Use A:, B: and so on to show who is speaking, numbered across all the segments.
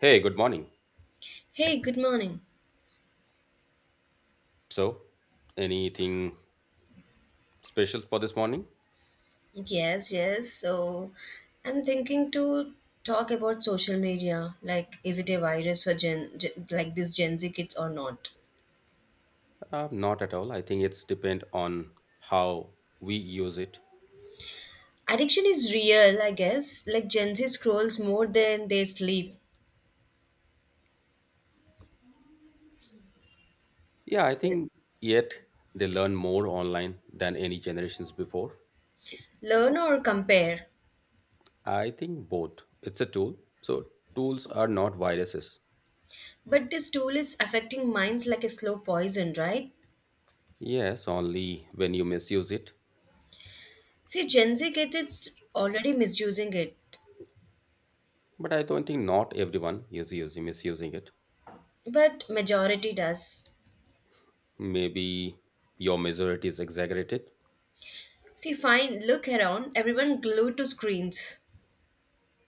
A: Hey, good morning.
B: Hey, good morning.
A: So, anything special for this morning?
B: Yes, yes. So I'm thinking to talk about social media. Like, is it a virus for like this Gen Z kids or not?
A: Not at all. I think it's depend on how we use it.
B: Addiction is real, I guess. Like Gen Z scrolls more than they sleep,
A: Yeah, I think yet they learn more online than any generations before.
B: learn or compare.
A: I think both. It's a tool. So, tools are not viruses.
B: But this tool is affecting minds like a slow poison, right?
A: Yes, only when you misuse it.
B: See, Gen Z kids is already misusing it,
A: But I don't think not everyone is using misusing it.
B: but majority does.
A: Maybe your majority is exaggerated.
B: See, fine, look around, everyone glued to screens.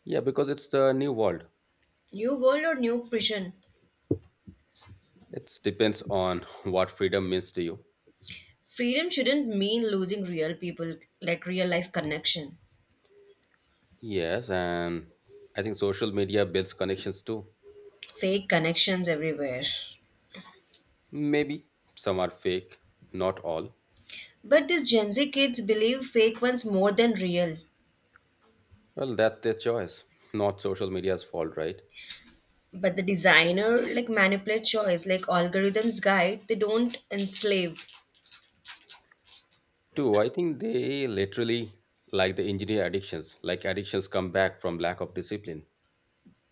A: Yeah, because it's the new world.
B: New world or new prison?
A: It depends on what freedom means to you.
B: Freedom shouldn't mean losing real people, like real life connection.
A: Yes, and I think social media builds connections too.
B: Fake connections everywhere.
A: Maybe some are fake, not all.
B: But these Gen Z kids believe fake ones more than real.
A: Well, that's their choice, not social media's fault, right?
B: But the designer like manipulate choice, like algorithms guide, they don't enslave.
A: Two, I think they literally, like the engineer addictions, like addictions come back from lack of discipline.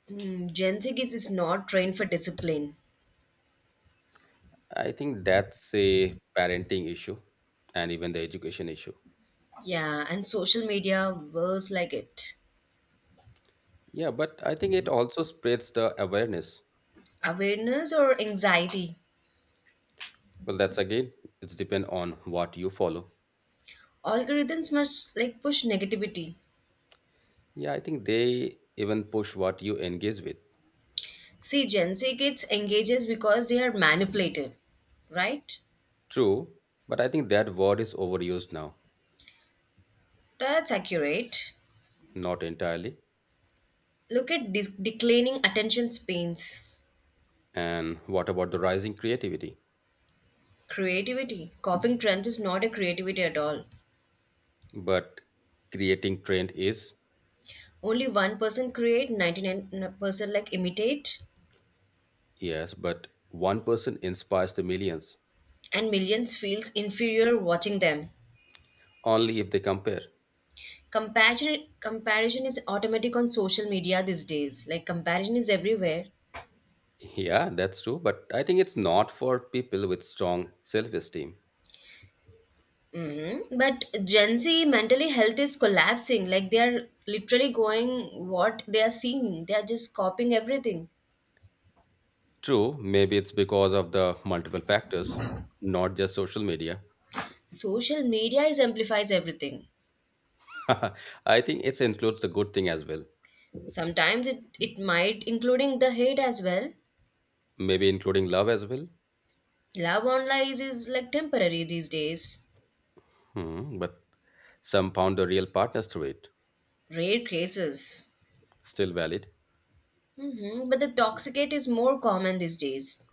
B: Gen Z kids is not trained for discipline.
A: I think that's a parenting issue and even the education issue.
B: Yeah, and social media worse like it.
A: Yeah, but I think it also spreads the awareness.
B: Awareness or anxiety.
A: Well, that's again, it's depend on what you follow.
B: Algorithms must like push negativity.
A: Yeah, I think they even push what you engage with.
B: See, Gen Z kids engages because they are manipulated, right?
A: True, but I think that word is overused now.
B: That's accurate.
A: Not entirely.
B: Look at declining attention spans.
A: And what about the rising creativity?
B: Creativity. Copying trends is not a creativity at all.
A: But creating trend is,
B: Only 1% create, 99% like imitate,
A: yes, but one person inspires the millions.
B: and millions feels inferior watching them.
A: Only if they compare.
B: Comparison is automatic on social media these days. Like comparison is everywhere.
A: Yeah, that's true, but I think it's not for people with strong self esteem.
B: Mm-hmm. But Gen Z mentally health is collapsing. Like they are literally going what they are seeing. They are just copying everything.
A: True, maybe it's because of the multiple factors, not just social media.
B: Social media is amplifies everything.
A: I think it includes the good thing as well,
B: Sometimes it might including the hate as well.
A: maybe including love as well.
B: Love online is like temporary these days.
A: Hmm, but some found the real partners through it.
B: Rare cases.
A: Still valid?
B: Mm-hmm. But the toxicate is more common these days.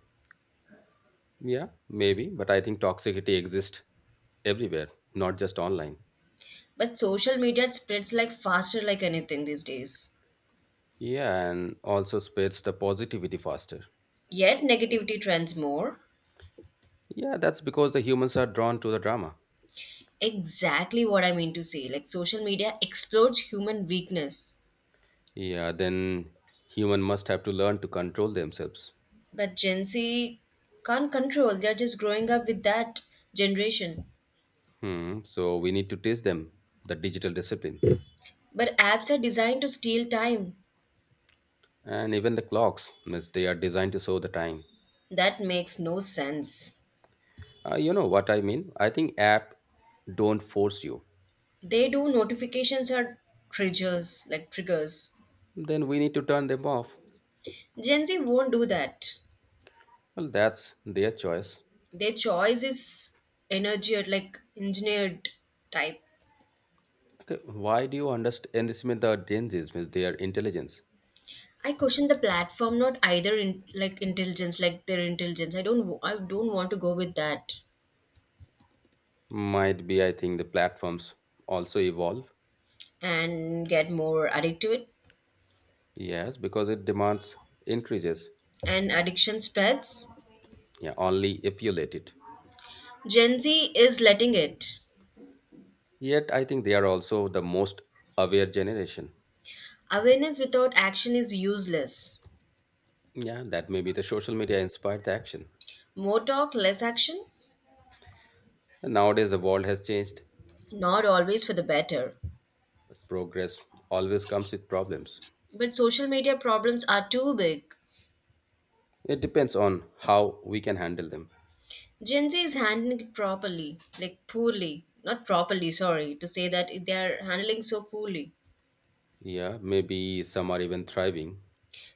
A: Yeah, maybe, but I think toxicity exists everywhere, not just online.
B: But social media spreads like faster like anything these days.
A: Yeah, and also spreads the positivity faster.
B: Yet negativity trends more.
A: Yeah, that's because the humans are drawn to the drama.
B: Exactly what I mean to say. Like social media explodes human weakness.
A: Yeah, then human must have to learn to control themselves.
B: But Gen Z can't control. They're just growing up with that generation.
A: Hmm, so we need to teach them the digital discipline.
B: But apps are designed to steal time.
A: And even the clocks, means they are designed to show the time.
B: That makes no sense.
A: You know what I mean? I think app don't force you.
B: They do notifications or triggers, like triggers.
A: Then we need to turn them off.
B: Gen Z won't do that.
A: Well, that's their choice.
B: Their choice is energy or like engineered type.
A: Okay, why do you understand this the dangers means their intelligence?
B: I question the platform, not either in like intelligence, like their intelligence. I don't want to go with that
A: Might be I think the platforms also evolve.
B: and get more addicted to it.
A: Yes, because it demands increases.
B: And addiction spreads.
A: Yeah, only if you let it.
B: Gen Z is letting it.
A: Yet I think they are also the most aware generation.
B: Awareness without action is useless.
A: Yeah, that may be the social media inspired the action.
B: More talk, less action.
A: And nowadays the world has changed,
B: Not always for the better.
A: but progress always comes with problems.
B: But social media problems are too big.
A: It depends on how we can handle them.
B: Gen Z is handling it properly, like poorly. Not properly, sorry, to say that they are handling so poorly.
A: Yeah, maybe some are even thriving,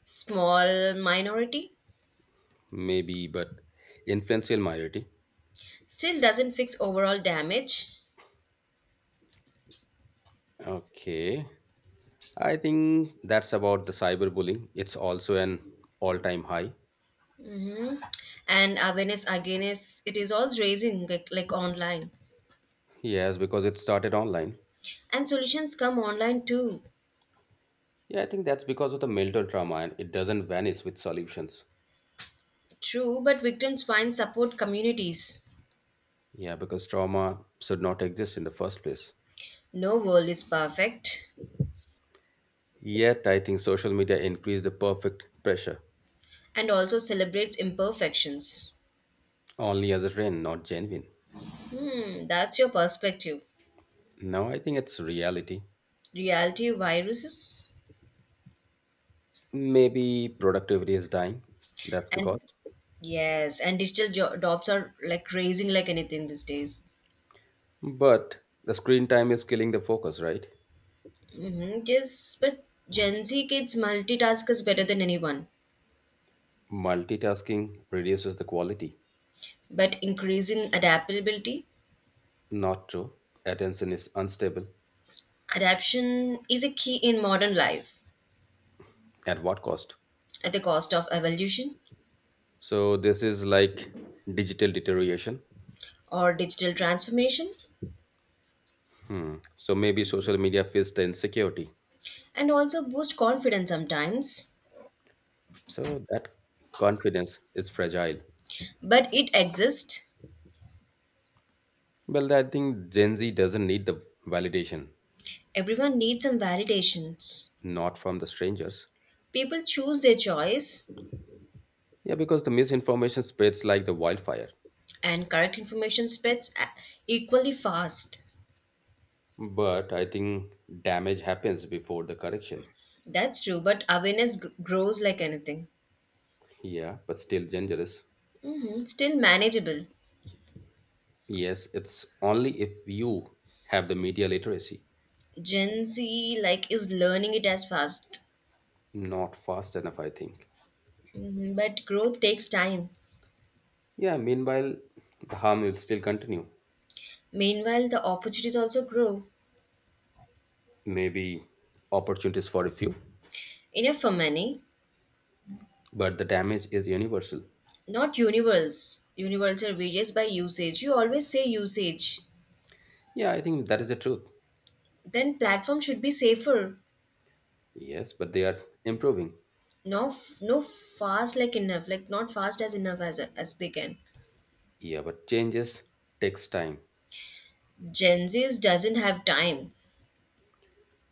B: Small minority
A: maybe, but influential minority.
B: still doesn't fix overall damage.
A: Okay, I think that's about the cyberbullying, it's also an all-time high.
B: hmm and awareness again is it is always raising like, online.
A: Yes, because it started online.
B: And solutions come online too.
A: Yeah, I think that's because of the mental trauma and it doesn't vanish with solutions.
B: True, but victims find support communities.
A: Yeah, because trauma should not exist in the first place.
B: No world is perfect.
A: Yet I think social media increased the perfect pressure,
B: And also celebrates imperfections.
A: only as a trend, not genuine.
B: That's your perspective.
A: Now I think it's reality.
B: Reality viruses.
A: Maybe productivity is dying, that's
B: And
A: because...
B: yes, and digital jobs are like raising like anything these days.
A: But the screen time is killing the focus, right?
B: Yes, but Gen Z kids multitask is better than anyone,
A: Multitasking reduces the quality.
B: but increasing adaptability.
A: Not true. Attention is unstable.
B: Adaptation is a key in modern life
A: At what cost?
B: at the cost of evolution
A: So, this is like digital deterioration.
B: or digital transformation,
A: Hmm. So, maybe social media feeds the insecurity.
B: and also boost confidence sometimes.
A: So, that confidence is fragile.
B: But it exists.
A: Well, I think Gen Z doesn't need the validation,
B: Everyone needs some validations.
A: not from the strangers.
B: People choose their choice,
A: Yeah, because the misinformation spreads like the wildfire.
B: and correct information spreads equally fast.
A: But I think damage happens before the correction.
B: That's true, but awareness grows like anything.
A: Yeah, but still dangerous.
B: Still manageable.
A: Yes, it's only if you have the media literacy.
B: Gen Z like is learning it as fast.
A: Not fast enough, I think.
B: Mhm, but growth takes time.
A: Yeah, meanwhile, the harm will still continue.
B: Meanwhile, the opportunities also grow.
A: Maybe opportunities for a few,
B: Enough for many,
A: but the damage is universal.
B: not Universals. Universal varies by usage. You always say usage.
A: Yeah, I think that is the truth.
B: Then platform should be safer.
A: Yes, but they are improving.
B: No, no fast like enough. Like not fast as enough as they can.
A: Yeah, but changes takes time.
B: Gen Z's doesn't have time.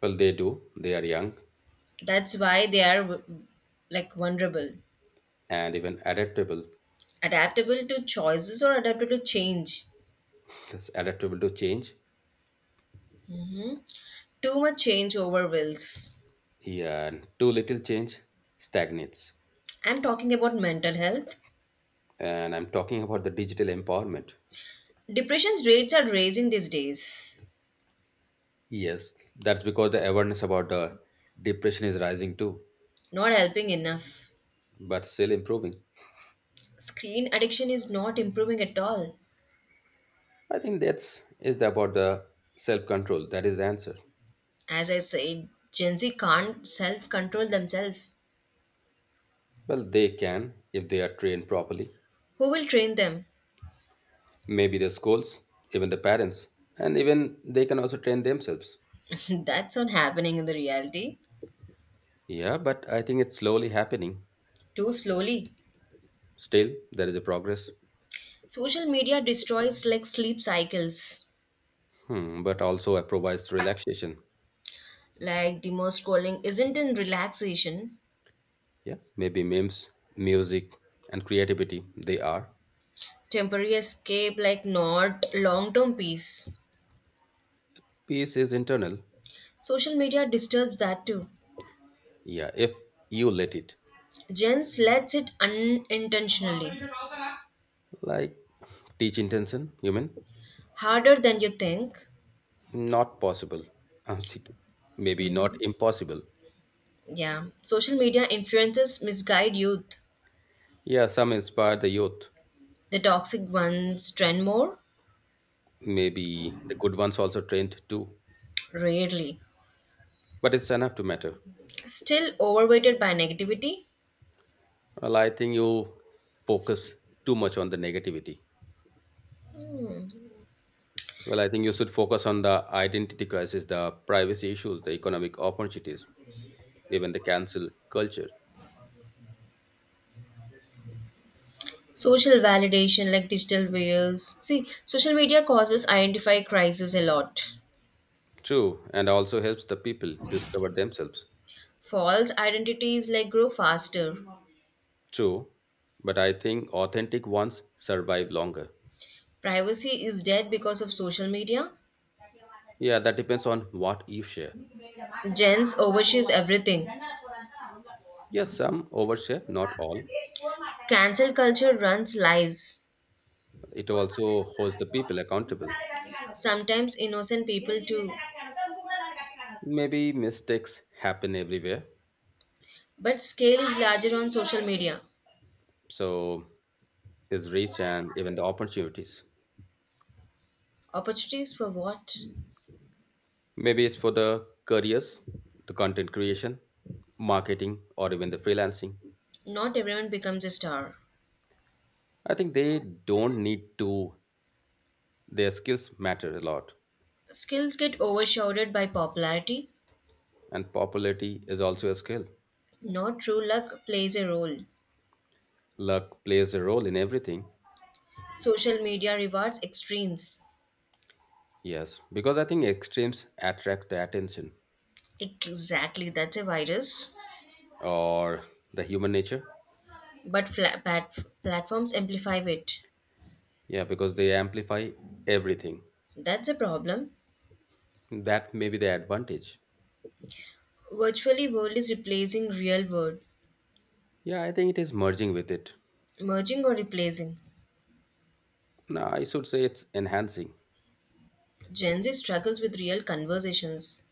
A: Well, they do. They are young
B: That's why they are like vulnerable,
A: and even adaptable.
B: adaptable to choices or adaptable to change.
A: That's adaptable to change.
B: hmm Too much change overwhelms.
A: Yeah, and too little change stagnates.
B: I'm talking about mental health.
A: And I'm talking about the digital empowerment.
B: Depression's rates are raising these days,
A: Yes, that's because the awareness about the depression is rising too,
B: not helping enough.
A: but still improving.
B: Screen addiction is not improving at all.
A: I think that's is about the self control. That is the answer.
B: As I said, Gen Z can't self control themselves.
A: Well, they can if they are trained properly.
B: Who will train them?
A: Maybe the schools, even the parents, and even they can also train themselves.
B: That's not happening in the reality.
A: Yeah, but I think it's slowly happening.
B: Too slowly.
A: Still, there is a progress.
B: Social media destroys like sleep cycles.
A: Hmm, but also it provides relaxation.
B: Like demo scrolling isn't in relaxation.
A: Yeah, maybe memes, music, and creativity. They are.
B: Temporary escape like not long term peace.
A: Peace is internal.
B: Social media disturbs that too.
A: Yeah, if you let it.
B: Gen Z lets it unintentionally.
A: Like teach intention, you mean?
B: Harder than you think.
A: Not possible. I'm sick. Maybe not
B: Mhm.
A: impossible.
B: Yeah. Social media influences misguide youth.
A: Yeah, some inspire the youth.
B: The toxic ones trend more?
A: Maybe the good ones also trained too.
B: Rarely.
A: But it's enough to matter.
B: Still overweighted by negativity?
A: Well, I think you focus too much on the negativity. Well, I think you should focus on the identity crisis, the privacy issues, the economic opportunities, even the cancel culture.
B: Social validation like digital wheels. See, social media causes identify crisis a lot.
A: True, and also helps the people discover themselves.
B: False identities like grow faster.
A: True, but I think authentic ones survive longer.
B: Privacy is dead because of social media.
A: Yeah, that depends on what you share.
B: Gens overshares everything.
A: Yes, some overshare, not all.
B: Cancel culture runs lives,
A: It also holds the people accountable.
B: sometimes innocent people too.
A: Maybe mistakes happen everywhere,
B: But scale is larger on social media.
A: so is reach and even the opportunities.
B: Opportunities for what?
A: Maybe it's for the careers, the content creation, marketing, or even the freelancing.
B: Not everyone becomes a star.
A: I think they don't need to, their skills matter a lot.
B: Skills get overshadowed by popularity.
A: And popularity is also a skill.
B: Not true luck plays a role.
A: Luck plays a role in everything.
B: Social media rewards extremes.
A: Yes, because I think extremes attract the attention
B: Exactly, that's a virus.
A: or the human nature.
B: But platforms amplify it.
A: Yeah, because they amplify everything.
B: That's a problem.
A: That may be the advantage.
B: Virtually world is replacing real world,
A: Yeah, I think it is merging with it.
B: merging or replacing.
A: No, I should say it's enhancing.
B: Gen Z struggles with real conversations.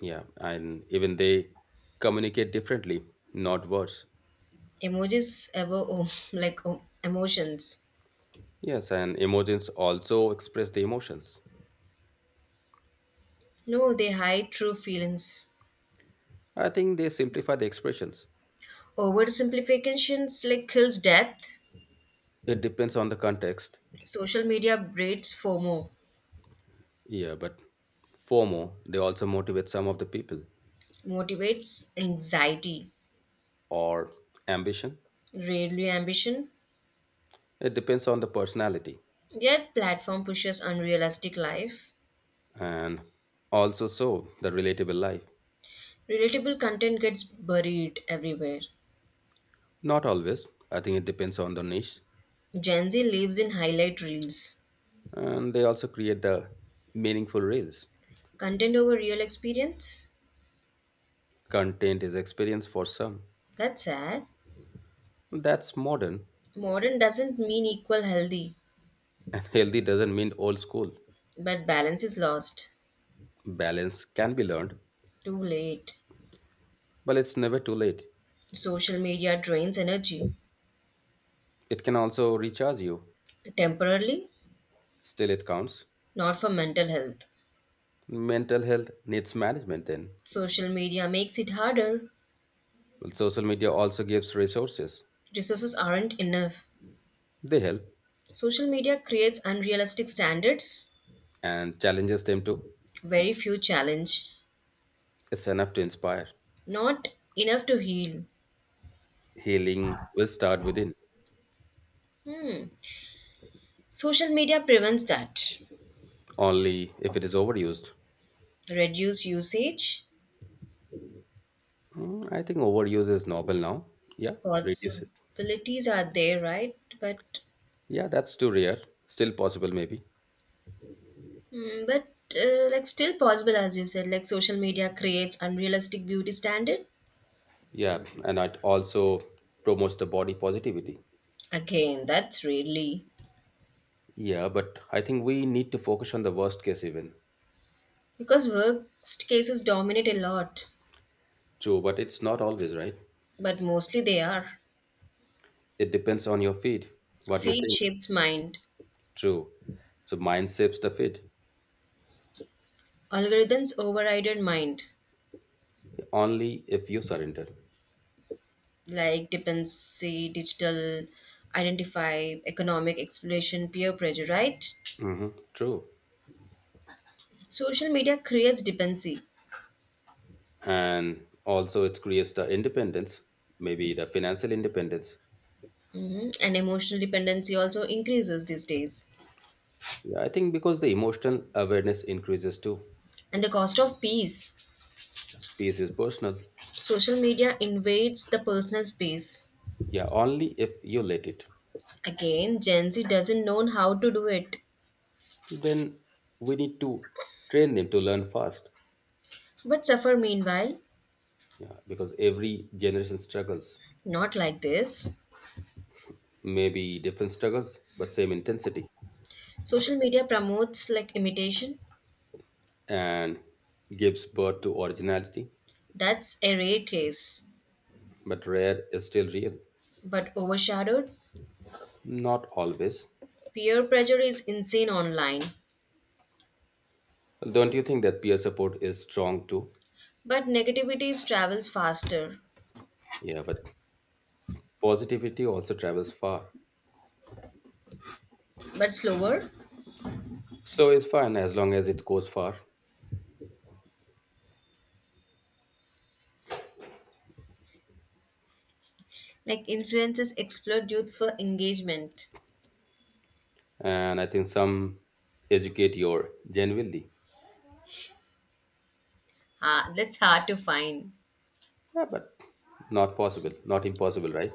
A: Yeah, and even they communicate differently, not worse.
B: Emojis ever oh, like oh, emotions.
A: Yes, and emojis also express the emotions.
B: No, they hide true feelings.
A: I think they simplify the expressions.
B: Oversimplifications like kills death.
A: It depends on the context.
B: Social media breeds FOMO,
A: Yeah, but FOMO, they also motivate some of the people
B: motivates anxiety,
A: or ambition.
B: rarely ambition.
A: It depends on the personality
B: Yet platform pushes unrealistic life.
A: and also so the relatable life.
B: Relatable content gets buried everywhere.
A: Not always. I think it depends on the niche.
B: Gen Z lives in highlight reels.
A: And they also create the meaningful reels.
B: Content over real experience?
A: Content is experience for some.
B: That's sad.
A: That's modern.
B: Modern doesn't mean equal healthy,
A: And healthy doesn't mean old school.
B: but balance is lost.
A: Balance can be learned,
B: Too late.
A: but it's never too late.
B: Social media drains energy
A: It can also recharge you.
B: temporarily,
A: Still, it counts.
B: not for mental health.
A: Mental health needs management then.
B: Social media makes it harder.
A: Well, social media also gives resources.
B: Resources aren't enough.
A: They help
B: Social media creates unrealistic standards,
A: and challenges them too.
B: very few challenge,
A: It's enough to inspire.
B: not enough to heal.
A: Healing will start within,
B: Hmm. Social media prevents that.
A: only if it is overused.
B: Reduce usage,
A: Hmm, I think overuse is noble now. Yeah, reduce it.
B: possibilities are there right, but
A: Yeah, that's too rare. Still possible, maybe.
B: mm, but uh, like still possible as you said, like social media creates unrealistic beauty standard.
A: Yeah, and it also promotes the body positivity.
B: Again, that's really
A: Yeah, but I think we need to focus on the worst case even.
B: because worst cases dominate a lot,
A: True, but it's not always right.
B: but mostly they are
A: It depends on your feed, what you
B: feed
A: think.
B: shapes mind
A: True. So mind shapes the feed
B: algorithms overrided mind
A: only if you surrender.
B: like dependency digital identify economic exploration peer pressure right.
A: Hmm, true.
B: Social media creates dependency.
A: And also it creates the independence, maybe the financial independence.
B: Mhm. And emotional dependency also increases these days.
A: Yeah, I think because the emotional awareness increases too.
B: And the cost of peace.
A: Space is personal.
B: Social media invades the personal space.
A: Yeah, only if you let it.
B: Again, Gen Z doesn't know how to do it,
A: Then we need to train them to learn fast.
B: but suffer meanwhile.
A: Yeah, because every generation struggles.
B: Not like this.
A: Maybe different struggles but same intensity.
B: Social media promotes like imitation.
A: And gives birth to originality,
B: That's a rare case.
A: but rare is still real.
B: But overshadowed,
A: Not always.
B: peer pressure is insane online.
A: Well, don't you think that peer support is strong too?
B: But negativity travels faster,
A: Yeah, but positivity also travels far.
B: but slower.
A: So it's fine as long as it goes far.
B: Like influences exploit youth for engagement.
A: And I think some educate your genuinely.
B: Ha, that's hard to find.
A: Yeah, but not possible, not impossible, right?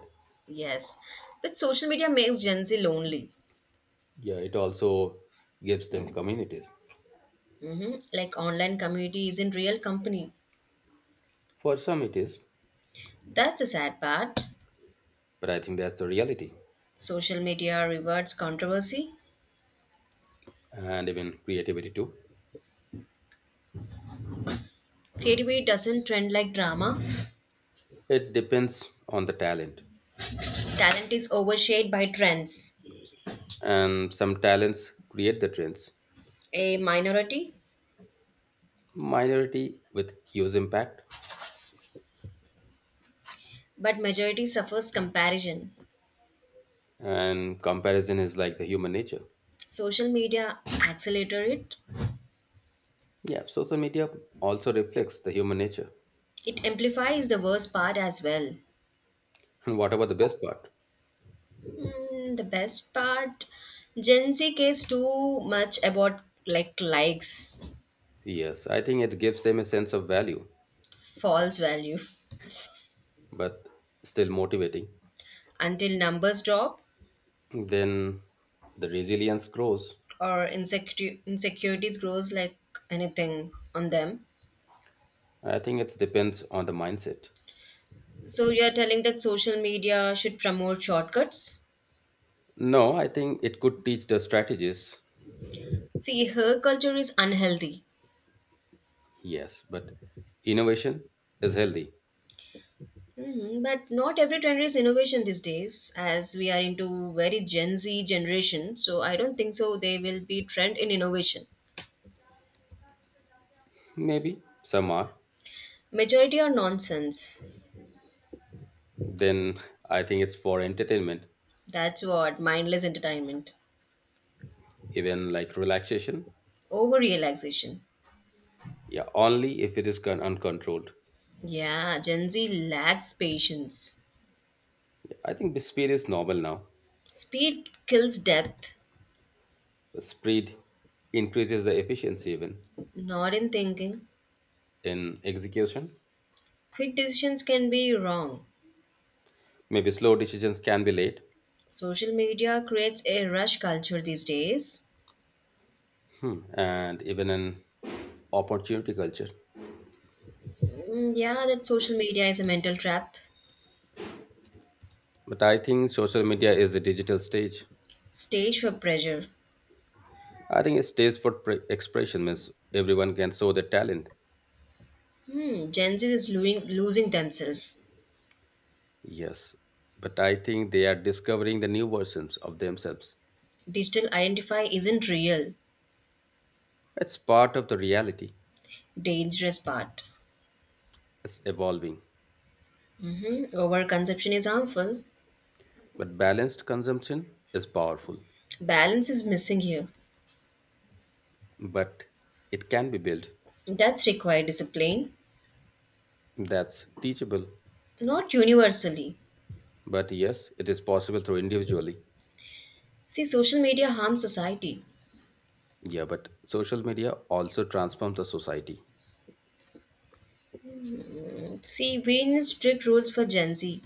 B: Yes. But social media makes Gen Z lonely.
A: Yeah, it also gives them communities.
B: Like online community isn't real company.
A: For some it is,
B: That's the sad part.
A: but I think that's the reality.
B: Social media rewards controversy.
A: And even creativity too.
B: Creativity doesn't trend like drama.
A: It depends on the talent.
B: Talent is overshadowed by trends.
A: And some talents create the trends.
B: A minority,
A: Minority with huge impact.
B: but majority suffers comparison.
A: And comparison is like the human nature.
B: Social media accelerates it.
A: Yeah, social media also reflects the human nature.
B: It amplifies the worst part as well.
A: And what about the best part?
B: Mm, the best part, Gen Z cares too much about like likes,
A: Yes, I think it gives them a sense of value,
B: false value.
A: but still motivating.
B: Until numbers drop
A: Then the resilience grows.
B: or insecure insecurities grows like anything on them.
A: I think it depends on the mindset.
B: So you're telling that social media should promote shortcuts?
A: No, I think it could teach the strategies.
B: See, her culture is unhealthy.
A: Yes, but innovation is healthy.
B: But not every trend is innovation these days, as we are into very Gen Z generation. So I don't think so. They will be trend in innovation.
A: Maybe some are.
B: Majority are nonsense.
A: Then I think it's for entertainment,
B: That's what mindless entertainment,
A: even like relaxation.
B: over relaxation.
A: Yeah, only if it is uncontrolled.
B: Yeah, Gen Z lacks patience.
A: I think the speed is normal now.
B: Speed kills depth,
A: Speed increases the efficiency even
B: not in thinking.
A: in execution.
B: Quick decisions can be wrong.
A: Maybe slow decisions can be late.
B: Social media creates a rush culture these days.
A: Hmm, and even an opportunity culture.
B: Mm, yeah, that social media is a mental trap,
A: But I think social media is a digital stage.
B: stage for pressure.
A: I think a stage for expression means everyone can show their talent.
B: Hmm, Gen Z is losing themselves.
A: Yes, but I think they are discovering the new versions of themselves.
B: Digital identify isn't real.
A: It's part of the reality.
B: Dangerous part.
A: It's evolving.
B: Mm-hmm. Overconsumption is harmful.
A: But balanced consumption is powerful.
B: Balance is missing here.
A: But it can be built.
B: That's required discipline,
A: That's teachable.
B: not universally.
A: But yes, it is possible through individually.
B: See, social media harms society.
A: Yeah, but social media also transforms the society.
B: See, we need strict rules for Gen Z.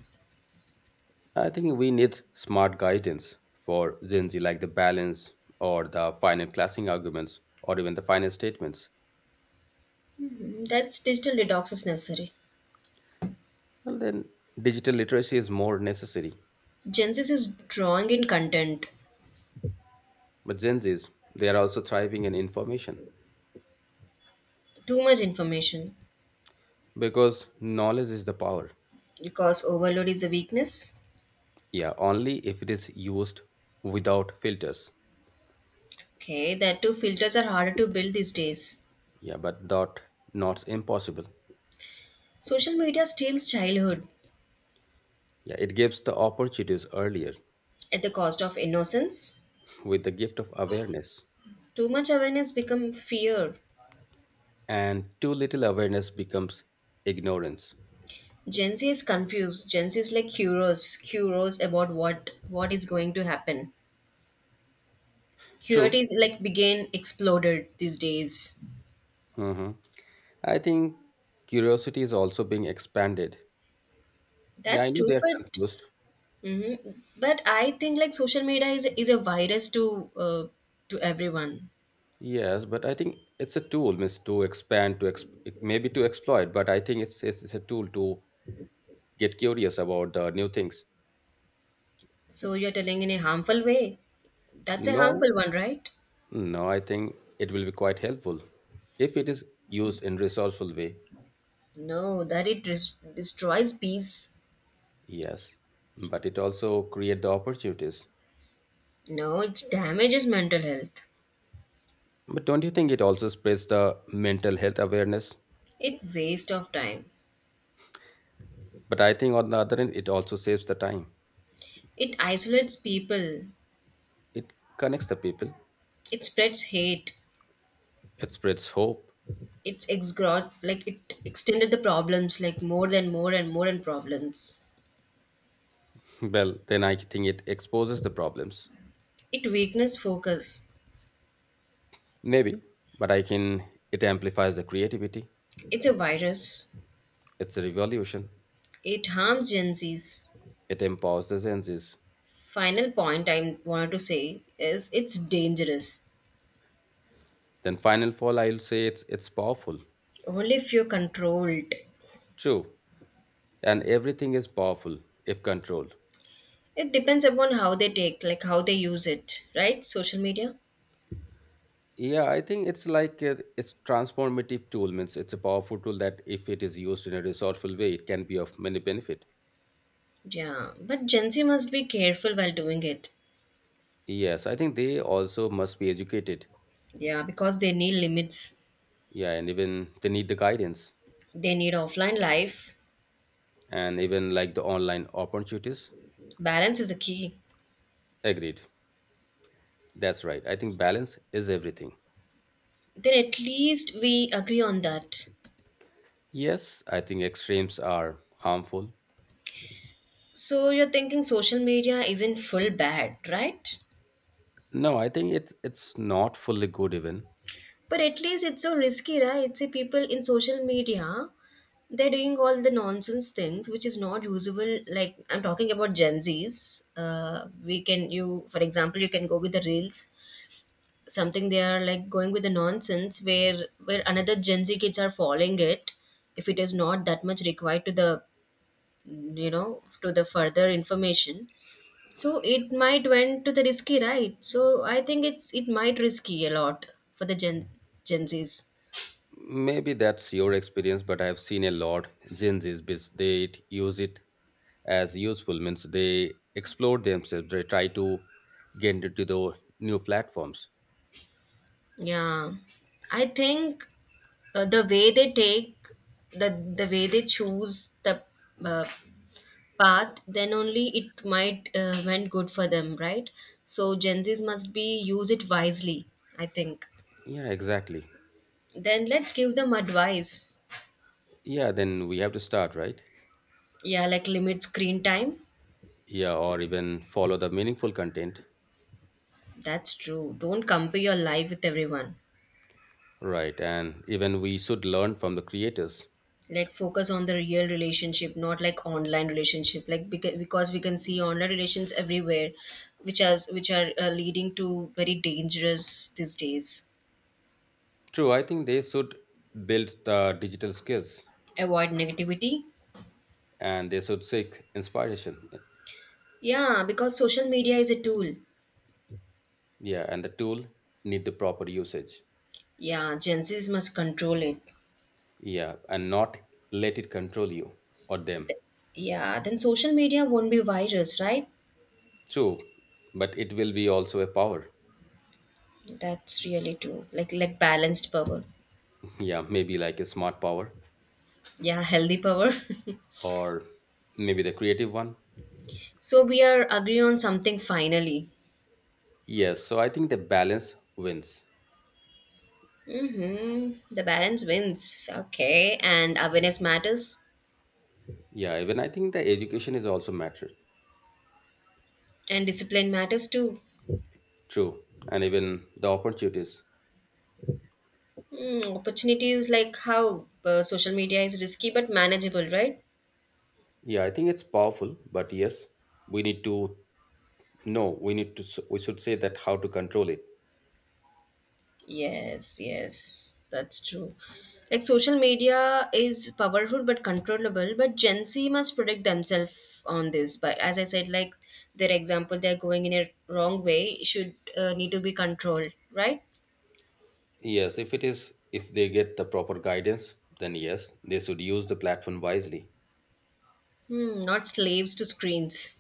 A: I think we need smart guidance for Gen Z, like the balance or the final classing arguments or even the final statements.
B: Hmm, that's digital detox is necessary.
A: Well, then digital literacy is more necessary.
B: Gen Z is drawing in content,
A: But Gen Zs, they are also thriving in information
B: too much information,
A: because knowledge is the power.
B: because overload is the weakness.
A: Yeah, only if it is used without filters.
B: Okay, that too, filters are harder to build these days.
A: Yeah, but that not impossible.
B: Social media steals childhood
A: Yeah, it gives the opportunities earlier
B: at the cost of innocence.
A: with the gift of awareness,
B: Too much awareness become fear.
A: and too little awareness becomes ignorance.
B: Gen Z is confused. Gen Z is like curious, about what is going to happen. Curiosity
A: True.
B: is like began exploded these days.
A: Hmm, I think curiosity is also being expanded. Yeah, I
B: That's
A: know they
B: true,
A: are
B: but
A: confused.
B: hmm but I think like social media is a virus to everyone.
A: Yes, but I think it's a tool, means to expand, to maybe to exploit. But I think it's a tool to get curious about the new things.
B: So you're telling in a harmful way. That's a
A: No,
B: harmful one, right?
A: no, I think it will be quite helpful if it is used in resourceful way.
B: No, that it destroys peace.
A: Yes, but it also create the opportunities.
B: No, it damages mental health.
A: But don't you think it also spreads the mental health awareness?
B: It waste of time.
A: But I think on the other end, it also saves the time.
B: It isolates people.
A: It connects the people,
B: It spreads hate.
A: it spreads hope.
B: It's exgrot like it extended the problems like more than more and more and problems.
A: Well, then I think it exposes the problems.
B: It weakness focus.
A: Maybe, but I can, it amplifies the creativity.
B: It's a virus.
A: It's a revolution.
B: It harms Gen Z's.
A: It empowers the senses.
B: Final point I wanted to say is it's dangerous.
A: Then final fall, I'll say it's powerful.
B: Only if you're controlled.
A: True. And everything is powerful if controlled.
B: It depends upon how they take, like how they use it, right? Social media.
A: Yeah, I think it's like a, it's transformative tool means it's a powerful tool that if it is used in a resourceful way, it can be of many benefit.
B: Yeah. But Gen Z must be careful while doing it.
A: Yes, I think they also must be educated.
B: Yeah, because they need limits.
A: Yeah, and even they need the guidance
B: They need offline life.
A: and even like the online opportunities.
B: Balance is the key.
A: Agreed. That's right. I think balance is everything.
B: Then at least we agree on that.
A: Yes, I think extremes are harmful.
B: So you're thinking social media isn't full bad, right?
A: No, I think it's not fully good even.
B: But at least it's so risky, right? See, people in social media, they're doing all the nonsense things which is not usable. Like I'm talking about Gen Zs. We can you, for example, you can go with the reels. Something they are like going with the nonsense where another Gen Z kids are following it. If it is not that much required to the you know to the further information. So it might went to the risky, right? So I think it's it might risky a lot for the Gen Zs.
A: Maybe that's your experience, but I've seen a lot Gen Z's they use it as useful means they explore themselves, they try to get into the new platforms.
B: Yeah, I think the way they take the the way they choose the uh, path, then only it might went good for them, right? So Gen Zs must be use it wisely. I think.
A: Yeah, exactly.
B: Then let's give them advice.
A: Yeah, then we have to start, right?
B: Yeah, like limit screen time.
A: Yeah, or even follow the meaningful content.
B: That's true. Don't compare your life with everyone.
A: Right, and even we should learn from the creators.
B: Like focus on the real relationship not like online relationship like because we can see online relations everywhere which has which are leading to very dangerous these days.
A: True, I think they should build the digital skills
B: Avoid negativity.
A: and they should seek inspiration.
B: Yeah, because social media is a tool.
A: Yeah, and the tool need the proper usage.
B: Yeah, Gen Z's must control it.
A: Yeah, and not let it control you or them.
B: Th- yeah, then social media won't be virus right.
A: True, but it will be also a power.
B: That's really true, like balanced power.
A: Yeah, maybe like a smart power,
B: Yeah, healthy power.
A: or maybe the creative one.
B: So we are agree on something finally.
A: Yes, so I think the balance wins.
B: Mm-hmm. The balance wins. Okay. And awareness matters,
A: Yeah, even I think the education is also matter.
B: and discipline matters too.
A: True, and even the opportunities.
B: Mm, opportunities like how social media is risky but manageable, right?
A: Yeah, I think it's powerful, but yes, we need to know, we need to we should say that how to control it.
B: Yes, yes, that's true. Like social media is powerful but controllable, but Gen Z must protect themselves on this. But as I said, like their example, they're going in a wrong way, should need to be controlled, right?
A: Yes, if it is, if they get the proper guidance, then yes, they should use the platform wisely.
B: Hmm, not slaves to screens.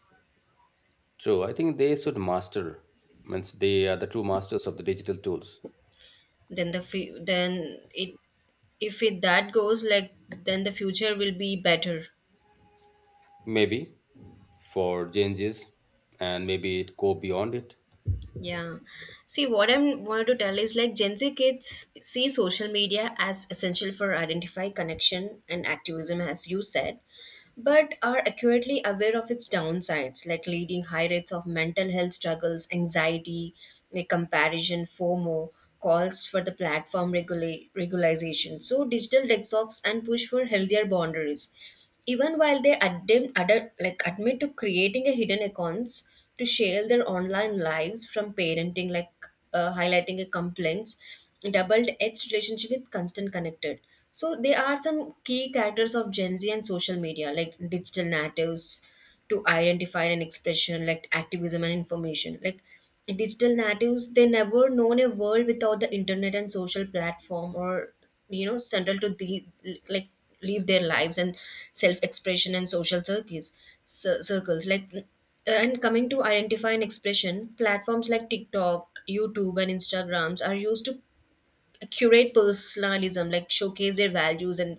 A: True, I think they should master means they are the true masters of the digital tools.
B: Then the then it if it that goes like then the future will be better.
A: Maybe for changes, and maybe it go beyond it.
B: Yeah, see what I'm wanted to tell is like Gen Z kids see social media as essential for identify connection and activism as you said, but are accurately aware of its downsides, like leading high rates of mental health struggles, anxiety, like comparison, FOMO, calls for the platform regularization. So, digital detox and push for healthier boundaries. Even while they admit, like admit to creating a hidden accounts to share their online lives from parenting, like highlighting a complaints double-edged relationship with constant connected. So they are some key characters of Gen Z and social media, like digital natives to identify and expression, like activism and information. Like digital natives, they never known a world without the internet and social platform or you know central to the like live their lives and self-expression and social circuits circles like, and coming to identify and expression platforms like TikTok, YouTube and Instagrams are used to curate personalism like showcase their values and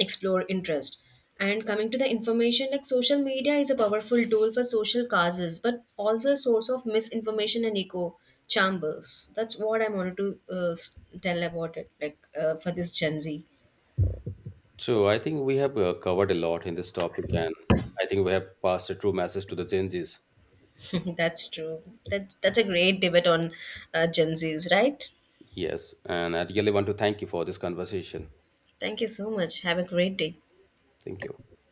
B: explore interest. And coming to the information like social media is a powerful tool for social causes but also a source of misinformation and echo chambers. That's what I wanted to tell about it like for this Gen Z.
A: So I think we have covered a lot in this topic and I think we have passed a true message to the changes.
B: That's true. That's a great debate on Gen Z's, right?
A: Yes, and I really want to thank you for this conversation.
B: Thank you so much, have a great day.
A: Thank you.